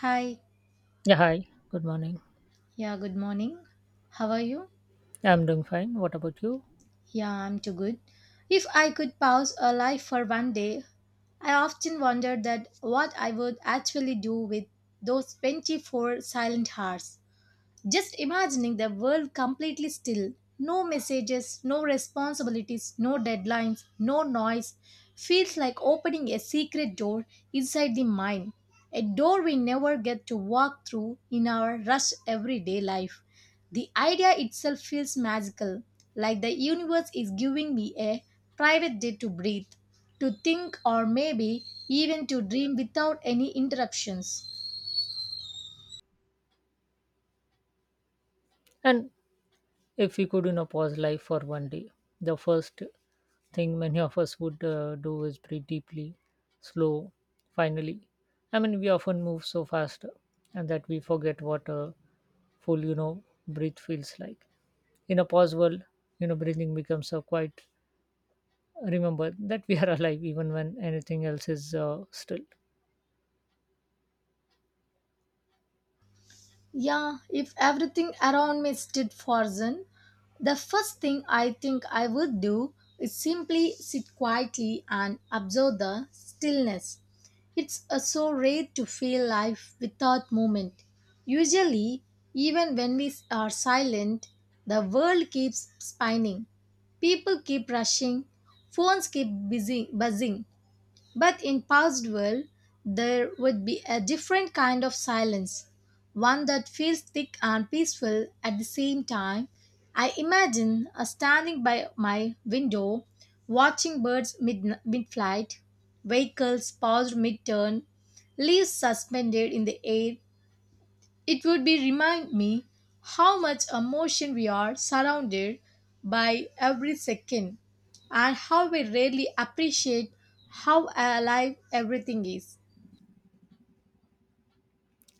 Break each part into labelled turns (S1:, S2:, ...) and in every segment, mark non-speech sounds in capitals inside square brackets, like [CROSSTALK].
S1: Hi.
S2: Yeah, hi. Good morning.
S1: Yeah, good morning. How are you?
S2: I'm doing fine. What about you?
S1: Yeah, I'm too good. If I could pause a life for one day, I often wonder that what I would actually do with those 24 silent hours. Just imagining the world completely still, no messages, no responsibilities, no deadlines, no noise, feels like opening a secret door inside the mind. A door we never get to walk through in our rush everyday life. The idea itself feels magical, like the universe is giving me a private day to breathe, to think, or maybe even to dream without any interruptions.
S2: And if we could, pause life for one day, the first thing many of us would do is breathe deeply, slow, finally. I mean, we often move so fast and that we forget what a full, breath feels like. In a pause world, breathing becomes a quite remember that we are [LAUGHS] alive even when anything else is still.
S1: Yeah, if everything around me stayed frozen, the first thing I think I would do is simply sit quietly and observe the stillness. It's so rare to feel life without movement. Usually, even when we are silent, the world keeps spinning. People keep rushing, phones keep busy buzzing, but in past world, there would be a different kind of silence, one that feels thick and peaceful at the same time. I imagine standing by my window, watching birds mid-flight, vehicles paused mid-turn, leaves suspended in the air, it would be remind me how much emotion we are surrounded by every second and how we rarely appreciate how alive everything is.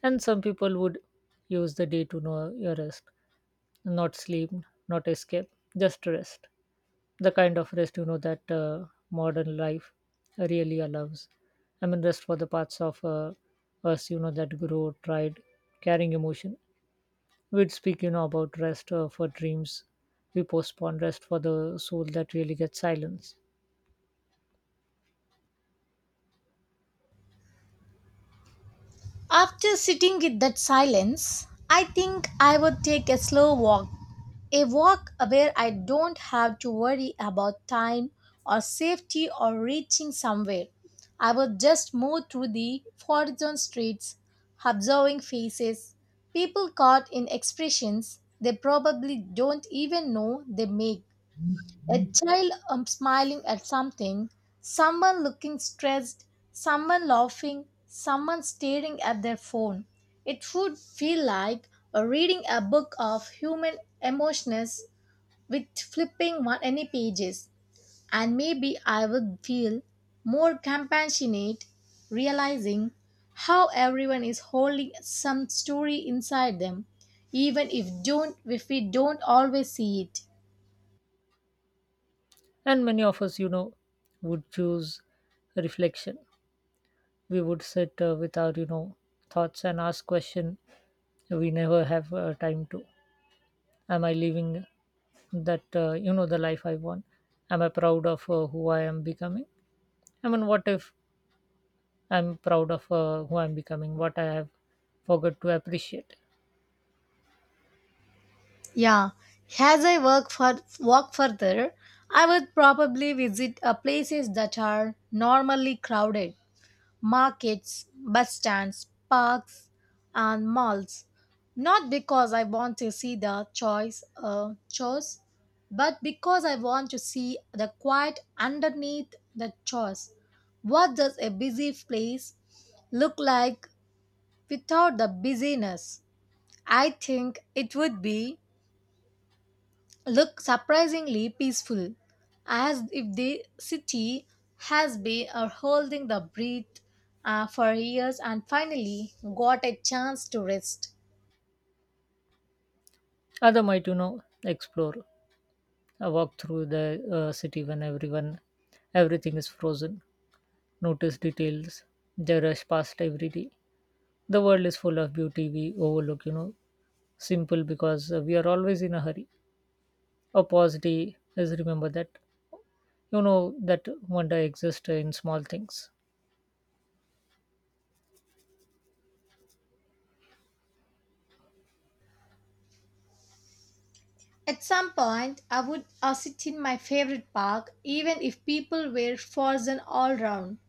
S2: And some people would use the day to know your rest, not sleep, not escape, just rest, the kind of rest that modern life really allows. I mean, rest for the parts of us that grow tried carrying emotion. We'd speak about rest for dreams we postpone, rest for the soul that really gets silence.
S1: After sitting with that silence, I think I would take a slow walk. A walk where I don't have to worry about time or safety or reaching somewhere. I would just move through the forgotten streets, observing faces, people caught in expressions they probably don't even know they make. A child smiling at something, someone looking stressed, someone laughing, someone staring at their phone. It would feel like reading a book of human emotions with flipping one any pages. And maybe I would feel more compassionate, realizing how everyone is holding some story inside them, even if we don't always see it.
S2: And many of us would choose reflection. We would sit with our thoughts and ask question we never have time to. Am I living that the life I want? Am I proud of who I am becoming? I mean, what if I'm proud of who I'm becoming, what I have forgot to appreciate?
S1: Yeah, as I work for walk further, I would probably visit places that are normally crowded, markets, bus stands, parks, and malls. Not because I want to see the choice chores, but because I want to see the quiet underneath the chores. What does a busy place look like without the busyness? I think it would be look surprisingly peaceful, as if the city has been holding the breath for years and finally got a chance to rest.
S2: Other might explore a walk through the city when everyone everything is frozen. Notice details they rush past every day. The world is full of beauty we overlook simple, because we are always in a hurry. A pause day is remember that that wonder exists in small things.
S1: At some point, I would sit in my favorite park, even if people were frozen all round.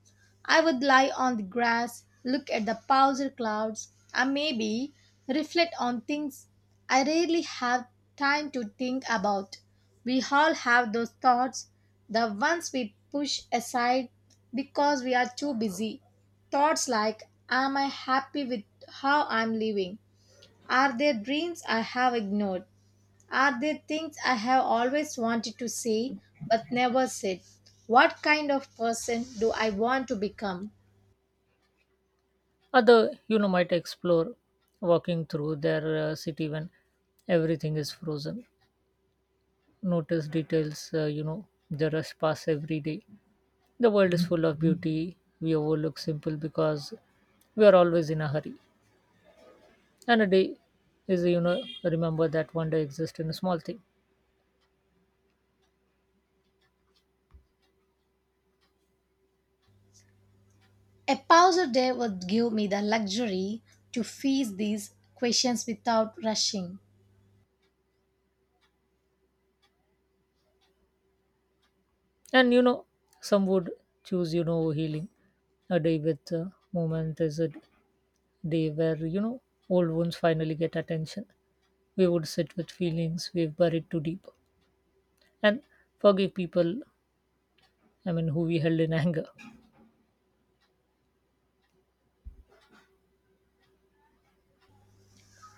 S1: I would lie on the grass, look at the powder clouds, and maybe reflect on things I rarely have time to think about. We all have those thoughts, the ones we push aside because we are too busy. Thoughts like, am I happy with how I'm living? Are there dreams I have ignored? Are there things I have always wanted to say but never said? What kind of person do I want to become?
S2: Other might explore walking through their city when everything is frozen. Notice details, the rush pass every day. The world is full of beauty. We overlook simple because we are always in a hurry. And a day is, remember that wonder exists in a small thing.
S1: A pause a day would give me the luxury to face these questions without rushing.
S2: And some would choose, healing. A day with movement is a day where, old wounds finally get attention. We would sit with feelings we've buried too deep, and forgive people, I mean, who we held in anger.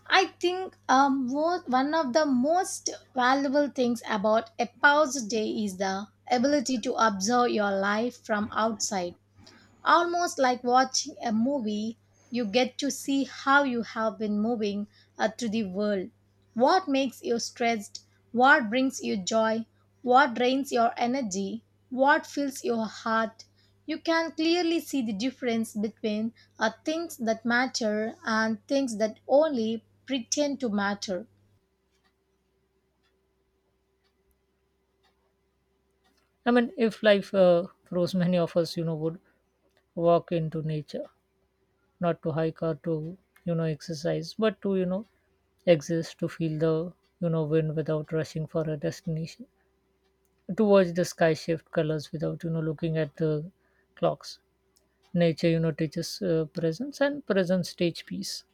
S1: I think one of the most valuable things about a pause day is the ability to observe your life from outside. Almost like watching a movie, you get to see how you have been moving through the world. What makes you stressed? What brings you joy? What drains your energy? What fills your heart? You can clearly see the difference between things that matter and things that only pretend to matter.
S2: I mean, if life froze, many of us, would walk into nature, not to hike or to, exercise, but to, exist, to feel the, wind without rushing for a destination, to watch the sky shift colors without looking at the clocks. Nature teaches presence, and presence teach peace.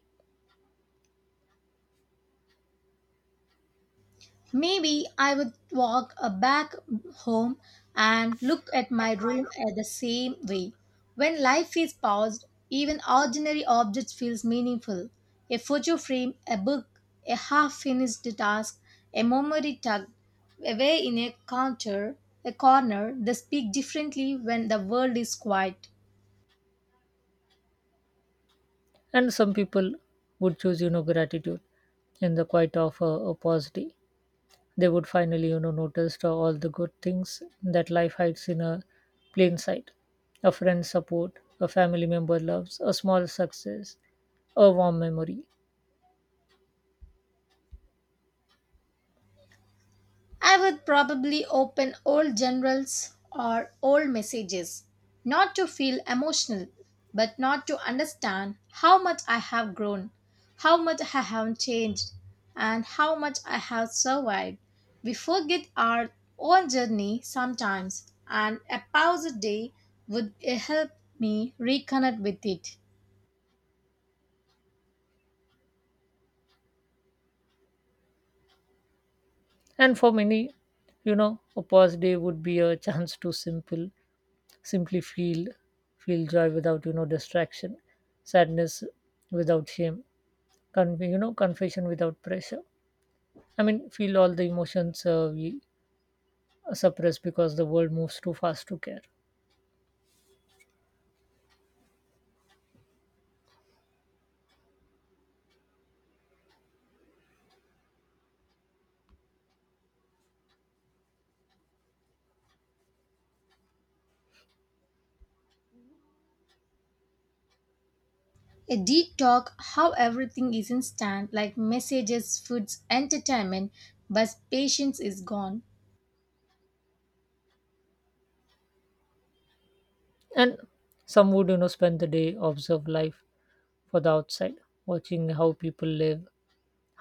S1: Maybe I would walk back home and look at my room at the same way. When life is paused, even ordinary objects feels meaningful. A photo frame, a book, a half-finished task, a memory tucked away in a counter, a corner, they speak differently when the world is quiet.
S2: And some people would choose gratitude in the quiet of a pause day. They would finally notice all the good things that life hides in a plain sight: a friend's support, a family member loves, a small success, a warm memory.
S1: I would probably open old generals or old messages, not to feel emotional, but not to understand how much I have grown, how much I have changed, and how much I have survived. We forget our own journey sometimes, and a pause a day would help me reconnect with it.
S2: And for many you know a pause day would be a [LAUGHS] chance to simple simply feel joy without distraction, sadness without shame, confession without pressure. I mean, feel all the emotions we suppress because the world moves too fast to care.
S1: A deep talk how everything is instant, like messages, foods, entertainment, but patience is gone.
S2: And some would spend the day observe life for the outside, watching how people live,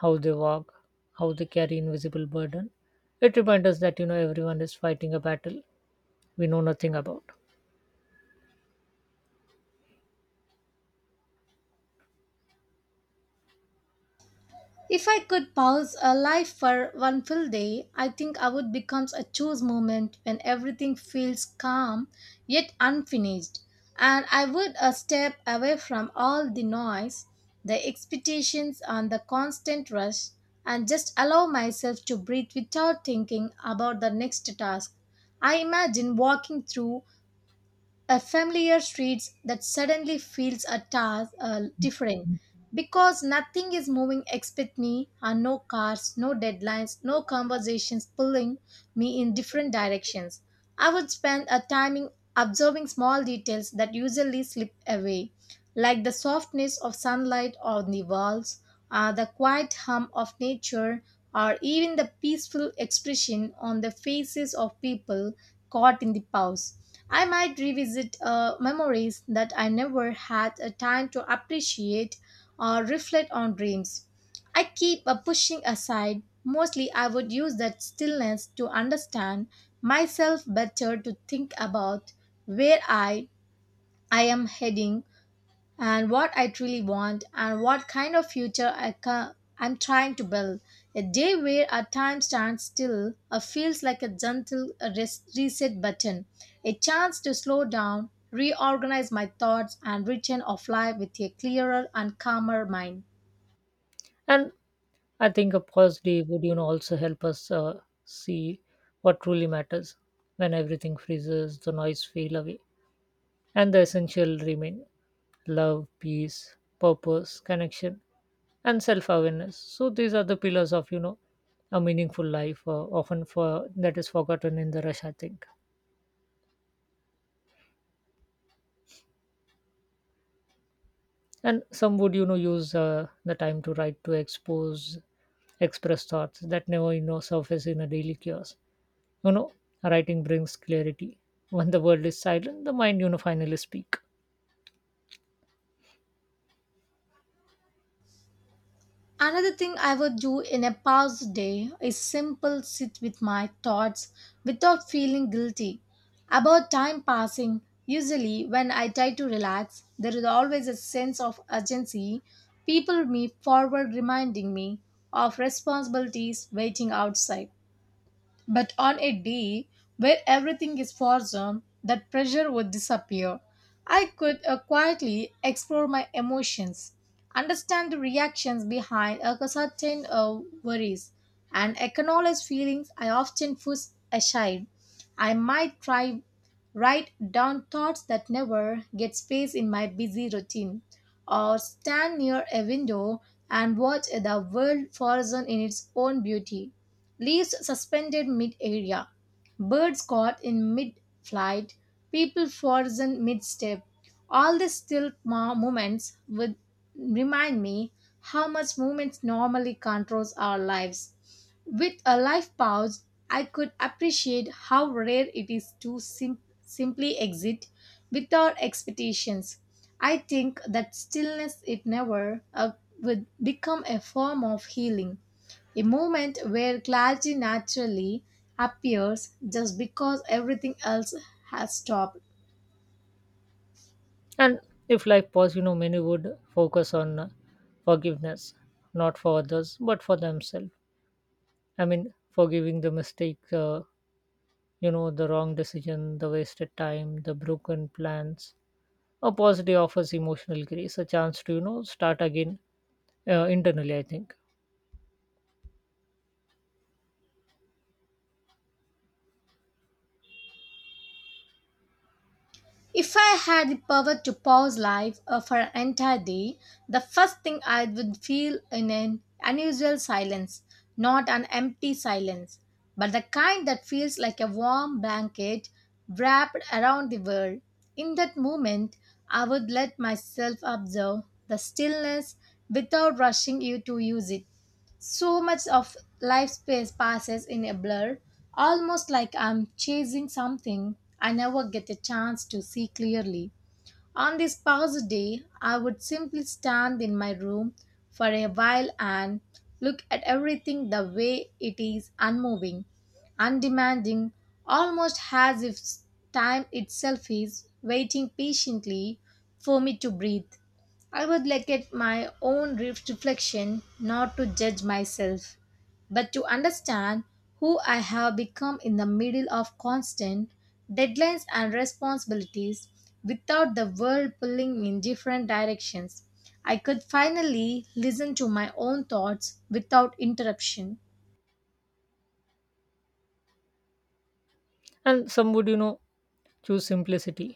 S2: how they walk, how they carry invisible burden. It reminds us that everyone is fighting a battle we know nothing about.
S1: If I could pause a life for one full day, I think I would become a choose moment when everything feels calm yet unfinished, and I would a step away from all the noise, the expectations, and the constant rush, and just allow myself to breathe without thinking about the next task. I imagine walking through a familiar street that suddenly feels a task different because nothing is moving except me and no cars no deadlines no conversations pulling me in different directions. I would spend a time in observing small details that usually slip away, like the softness of sunlight on the walls, the quiet hum of nature, or even the peaceful expression on the faces of people caught in the pause. I might revisit memories that I never had a time to appreciate or reflect on dreams. I keep a pushing aside. Mostly, I would use that stillness to understand myself better, to think about where I am heading and what I truly want and what kind of future I'm trying to build. A day where our time stands still feels like a gentle reset button, a chance to slow down, reorganize my thoughts, and return of life with a clearer and calmer mind.
S2: And I think a pause day would, also help us see what truly matters. When everything freezes, the noise fade away, and the essential remain: love, peace, purpose, connection, and self awareness. So, these are the pillars of, a meaningful life, often for that is forgotten in the rush, I think. And some would, use the time to write, to express thoughts that never, surface in a daily chaos. You know, Writing brings clarity. When the world is silent, the mind, finally speak.
S1: Another thing I would do in a past day is simple sit with my thoughts without feeling guilty about time passing. Usually, when I try to relax, there is always a sense of urgency. People me forward reminding me of responsibilities waiting outside. But on a day where everything is frozen, that pressure would disappear. I could quietly explore my emotions, understand the reactions behind a certain worries, and acknowledge feelings I often push aside. I might try write down thoughts that never get space in my busy routine, or stand near a window and watch the world frozen in its own beauty leaves suspended mid area, birds caught in mid flight, people frozen mid step. All these still moments would remind me how much movement normally controls our lives. With a life pause, I could appreciate how rare it is to simply exit without expectations. I think that stillness, it never would become a form of healing. A moment where clarity naturally appears just because everything else has stopped.
S2: And if life paused, many would focus on forgiveness, not for others, but for themselves. I mean, forgiving the mistake, the wrong decision, the wasted time, the broken plans. A pause day offers emotional grace, a chance to, start again internally, I think.
S1: If I had the power to pause life for an entire day, the first thing I would feel in an unusual silence, not an empty silence, but the kind that feels like a warm blanket wrapped around the world. In that moment, I would let myself observe the stillness without rushing you to use it. So much of life space passes in a blur, almost like I'm chasing something I never get a chance to see clearly. On this pause day, I would simply stand in my room for a while and look at everything the way it is unmoving, undemanding, almost as if time itself is waiting patiently for me to breathe. I would look at my own reflection, not to judge myself but to understand who I have become in the middle of constant deadlines and responsibilities without the world pulling me in different directions. I could finally listen to my own thoughts without interruption.
S2: And some would choose simplicity,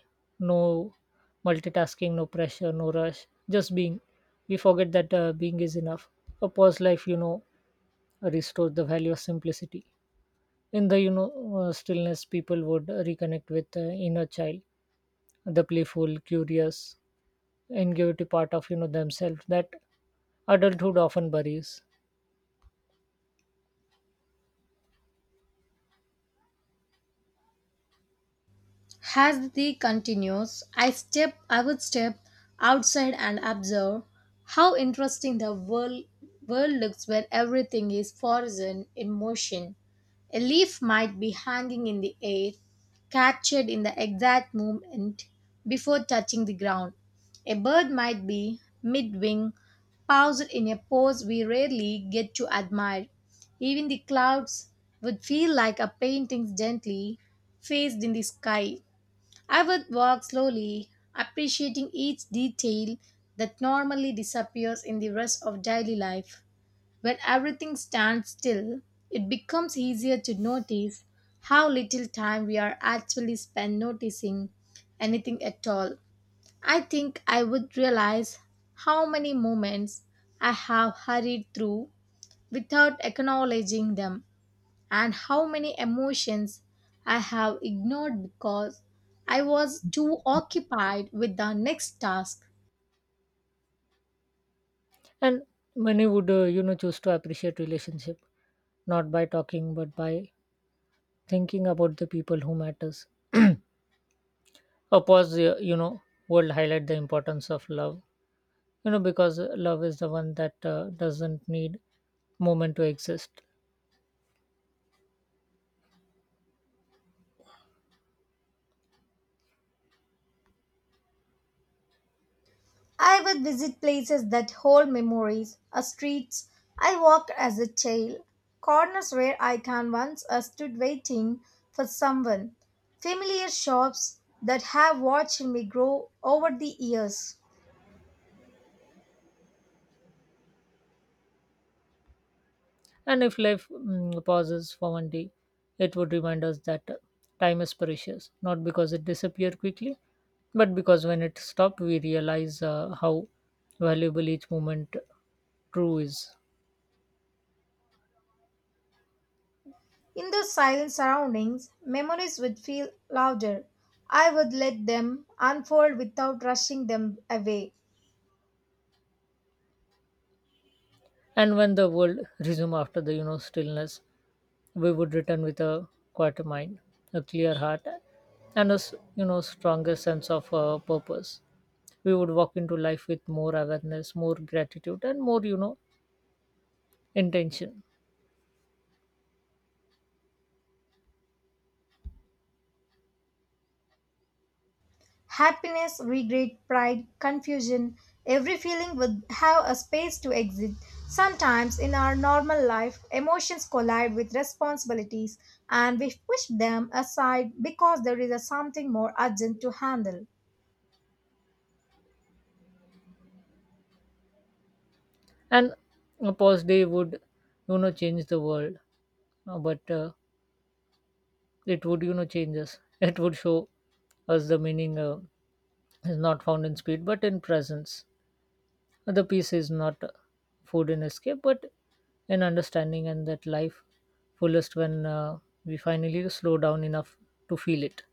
S2: no multitasking, no pressure, no rush, just being. We forget that being is enough. A pause life restores the value of simplicity. In the stillness, people would reconnect with inner child, the playful, curious, ingenuity part of themselves that adulthood often buries.
S1: As the continues, I would step outside and observe how interesting the world looks when everything is frozen in motion. A leaf might be hanging in the air, captured in the exact moment before touching the ground. A bird might be mid wing, paused in a pose we rarely get to admire. Even the clouds would feel like a painting gently phased in the sky. I would walk slowly, appreciating each detail that normally disappears in the rush of daily life. When everything stands still, it becomes easier to notice how little time we are actually spend noticing anything at all. I think I would realize how many moments I have hurried through without acknowledging them and how many emotions I have ignored because I was too occupied with the next task.
S2: And many would choose to appreciate relationship, not by talking but by thinking about the people who matters. [CLEARS THROAT] A pause will highlight the importance of love, because love is the one that doesn't need moment to exist.
S1: I would visit places that hold memories, streets I walked as a child, corners where I can once stood waiting for someone, familiar shops that have watched me grow over the years.
S2: And if life pauses for one day, it would remind us that time is precious, not because it disappears quickly, but because when it stops we realize how valuable each moment true is.
S1: In those silent surroundings, memories would feel louder. I would let them unfold without rushing them away.
S2: And when the world resumed after the stillness, we would return with a quiet mind, a clear heart, and a stronger sense of purpose. We would walk into life with more awareness, more gratitude, and more intention.
S1: Happiness, regret, pride, confusion, every feeling would have a space to exit. Sometimes in our normal life, emotions collide with responsibilities and we push them aside because there is a something more urgent to handle.
S2: And a pause day would change the world, but it would change us. It would show us the meaning is not found in speed but in presence. The peace is not food in escape but in understanding, and that life fullest when we finally slow down enough to feel it.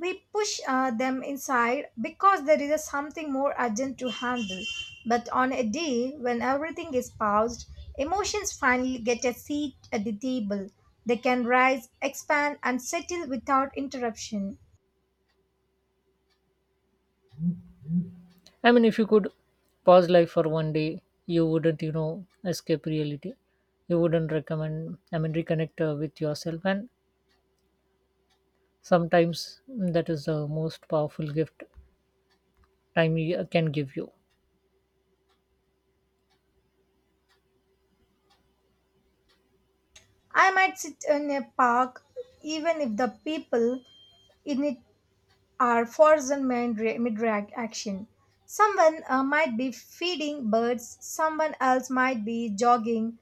S1: We push them inside because there is something more urgent to handle. But on a day when everything is paused, emotions finally get a seat at the table. They can rise, expand, and settle without interruption.
S2: I mean, if you could pause life for one day, you wouldn't escape reality. You wouldn't recommend I mean reconnect with yourself, and sometimes that is the most powerful gift time can give you.
S1: I might sit in a park even if the people in it are frozen mid action. Someone might be feeding birds, someone else might be jogging.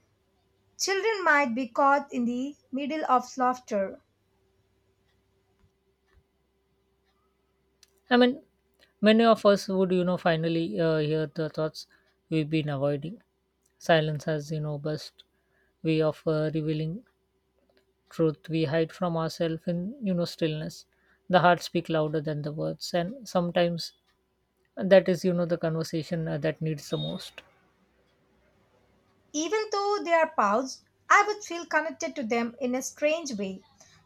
S1: Children might be caught in the middle of laughter.
S2: I mean, many of us would, finally hear the thoughts we've been avoiding. Silence has, best way of revealing truth we hide from ourselves in, stillness. The heart speak louder than the words, and sometimes that is, the conversation that needs the most.
S1: Even though they are paused, I would feel connected to them in a strange way,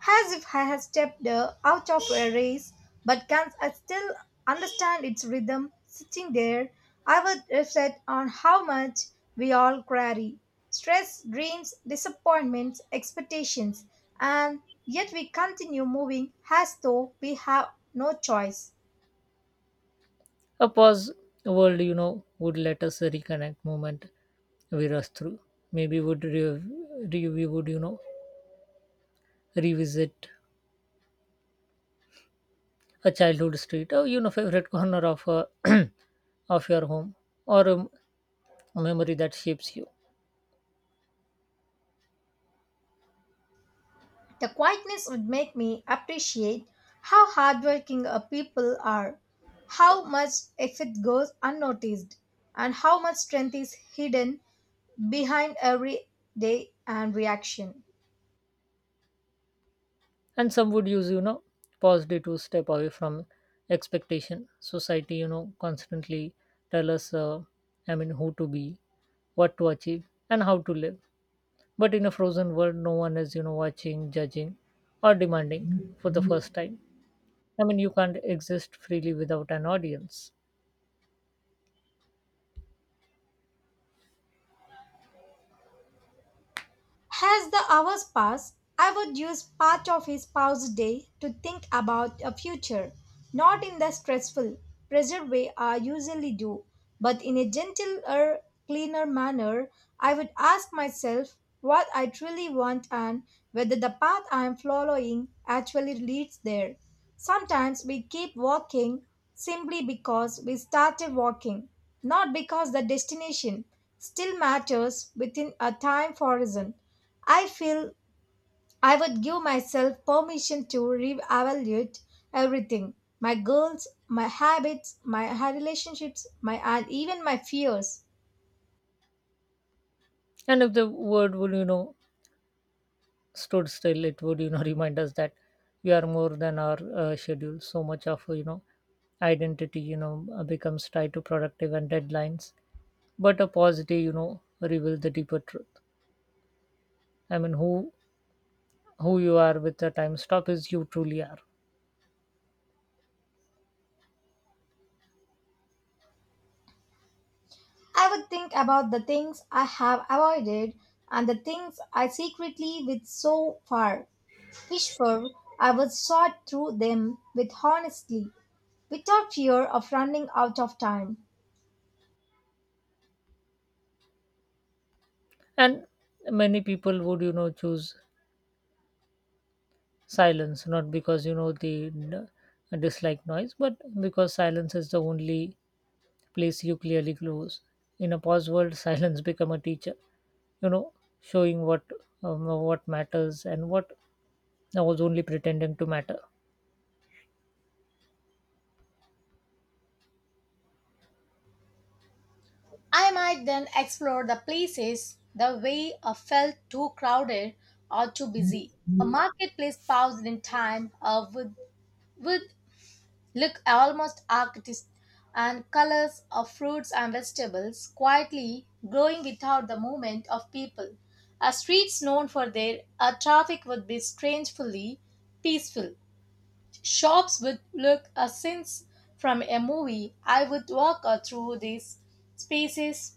S1: as if I had stepped out of a race, but can I still understand its rhythm. Sitting there, I would reflect on how much we all carry stress, dreams, disappointments, expectations, and yet we continue moving as though we have no choice.
S2: A pause world, would let us reconnect moment we rush through. Maybe would we would, revisit a childhood street or favorite [LAUGHS] corner of [CLEARS THROAT] of your home, or a memory that shapes you.
S1: The quietness would make me appreciate how hardworking people are, how much effort goes unnoticed, and how much strength is hidden behind every day and reaction.
S2: And some would use positive to step away from expectation. Society constantly tell us, I mean, who to be, what to achieve, and how to live. But in a frozen world no one is watching, judging, or demanding. For the first time, I mean, you can't exist freely without an audience.
S1: As the hours pass, I would use part of his pause day to think about a future, not in the stressful, pressured way I usually do, but in a gentler, cleaner manner. I would ask myself what I truly want and whether the path I am following actually leads there. Sometimes we keep walking simply because we started walking, not because the destination still matters within a time horizon. I feel I would give myself permission to reevaluate everything, my goals, my habits, my relationships, my and even my fears.
S2: And if the world will stood still, it would [LAUGHS] remind us that we are more than our schedule. So much of identity becomes tied to productive and deadlines, but a pause day reveal the deeper truth. I mean, who you are with the time stop is you truly are.
S1: I would think about the things I have avoided and the things I secretly with so far. Wish for I would sort through them with honesty, without fear of running out of time.
S2: And many people would choose silence, not because they dislike noise, but because silence is the only place you clearly close. In a pause world [LAUGHS] silence become a teacher, you know showing what matters and what I was only pretending to matter.
S1: I might then explore the places the way I felt too crowded or too busy. A marketplace paused in time would look almost artistic, and colors of fruits and vegetables quietly growing without the movement of people. A streets known for their traffic would be strangely peaceful. Shops would look a scenes from a movie. I would walk through these spaces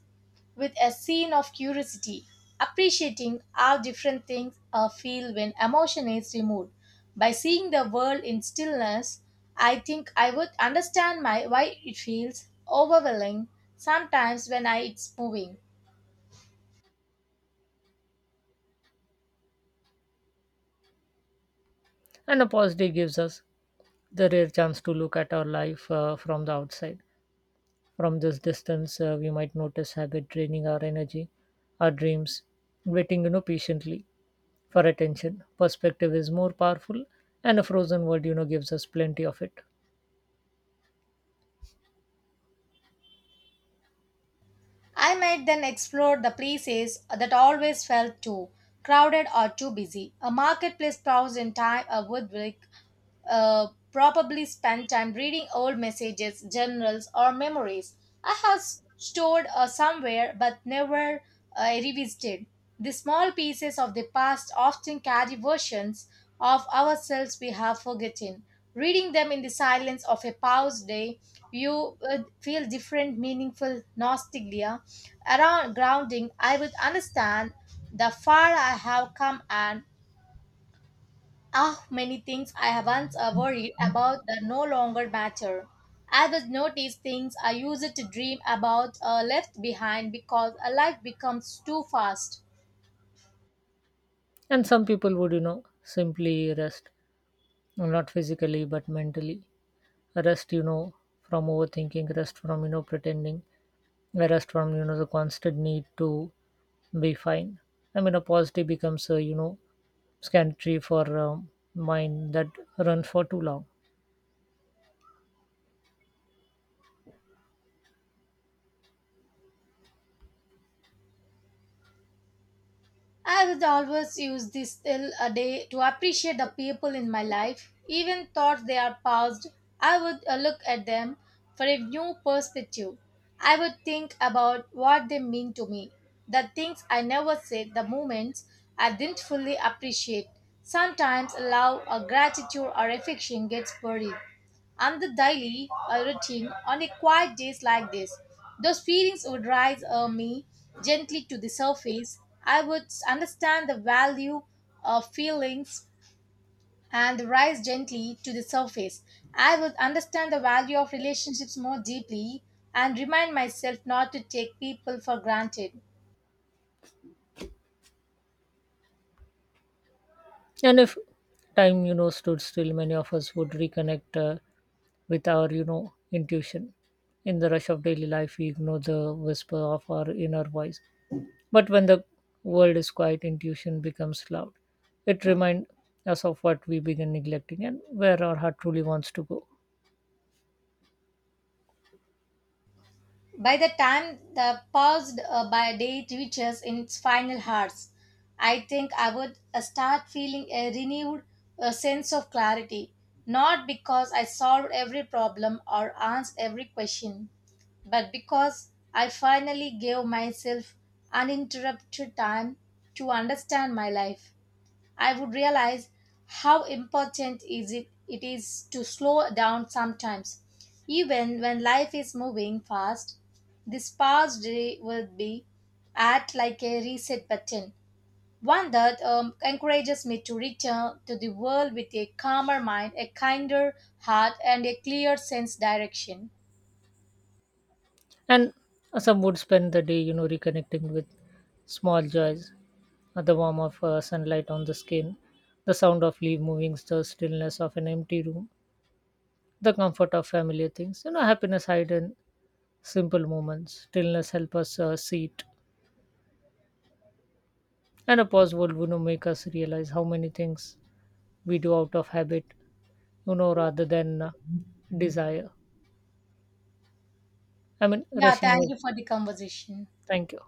S1: with a scene of curiosity, appreciating how different things are feel when emotion is removed. By seeing the world in stillness, I think I would understand my why it feels overwhelming sometimes when I, it's moving.
S2: And a pause day gives us the rare chance to look at our life from the outside. From this distance we might notice habit draining our energy, our dreams waiting patiently for attention. Perspective is more powerful, and a frozen world, gives us plenty of it.
S1: I might then explore the places that always felt too crowded or too busy. A marketplace browse in time a woodwork probably spend time reading old messages, journals, or memories I have stored somewhere but never revisited. The small pieces of the past often carry versions of ourselves we have forgotten. Reading them in the silence of a paused day, you would feel different, meaningful nostalgia around grounding. I would understand the far I have come and Ah, many things I have once worried about that no longer matter. I have noticed things I used to dream about are left behind because a life becomes too fast.
S2: And some people would, simply rest, not physically but mentally. Rest, from overthinking, rest from, pretending, rest from, the constant need to be fine. I mean, a positive becomes a, scantry for mind that runs for too long.
S1: I would always use this till a day to appreciate the people in my life, even thoughts they are past. I would look at them for a new perspective. I would think about what they mean to me, the things I never said, the moments I didn't fully appreciate. Sometimes love or gratitude or affection gets buried and the daily routine on a quiet days like this. Those feelings would rise me gently to the surface. I would understand the value of feelings and rise gently to the surface. I would understand the value of relationships more deeply and remind myself not to take people for granted.
S2: And if time, stood still, many of us would reconnect with our intuition. In the rush of daily life we ignore the whisper of our inner voice, but when the world is quiet, intuition becomes loud. It reminds us of what we begin neglecting and where our heart truly wants to go.
S1: By the time the paused by date reaches in its final hours, I think I would start feeling a renewed sense of clarity, not because I solved every problem or answered every question, but because I finally gave myself uninterrupted time to understand my life. I would realize how important it is to slow down sometimes. Even when life is moving fast, this past day would be act like a reset button, one that encourages me to return to the world with a calmer mind, a kinder heart, and a clear sense direction.
S2: And some would spend the day reconnecting with small joys, the warmth of sunlight on the skin, the sound of leaf moving, the stillness of an empty room, the comfort of familiar things, happiness hidden. Simple moments, stillness help us see it, and a pause will make us realize how many things we do out of habit, rather than desire. I mean,
S1: Yeah,
S2: rushing
S1: thank
S2: ahead.
S1: you for the conversation.
S2: Thank you.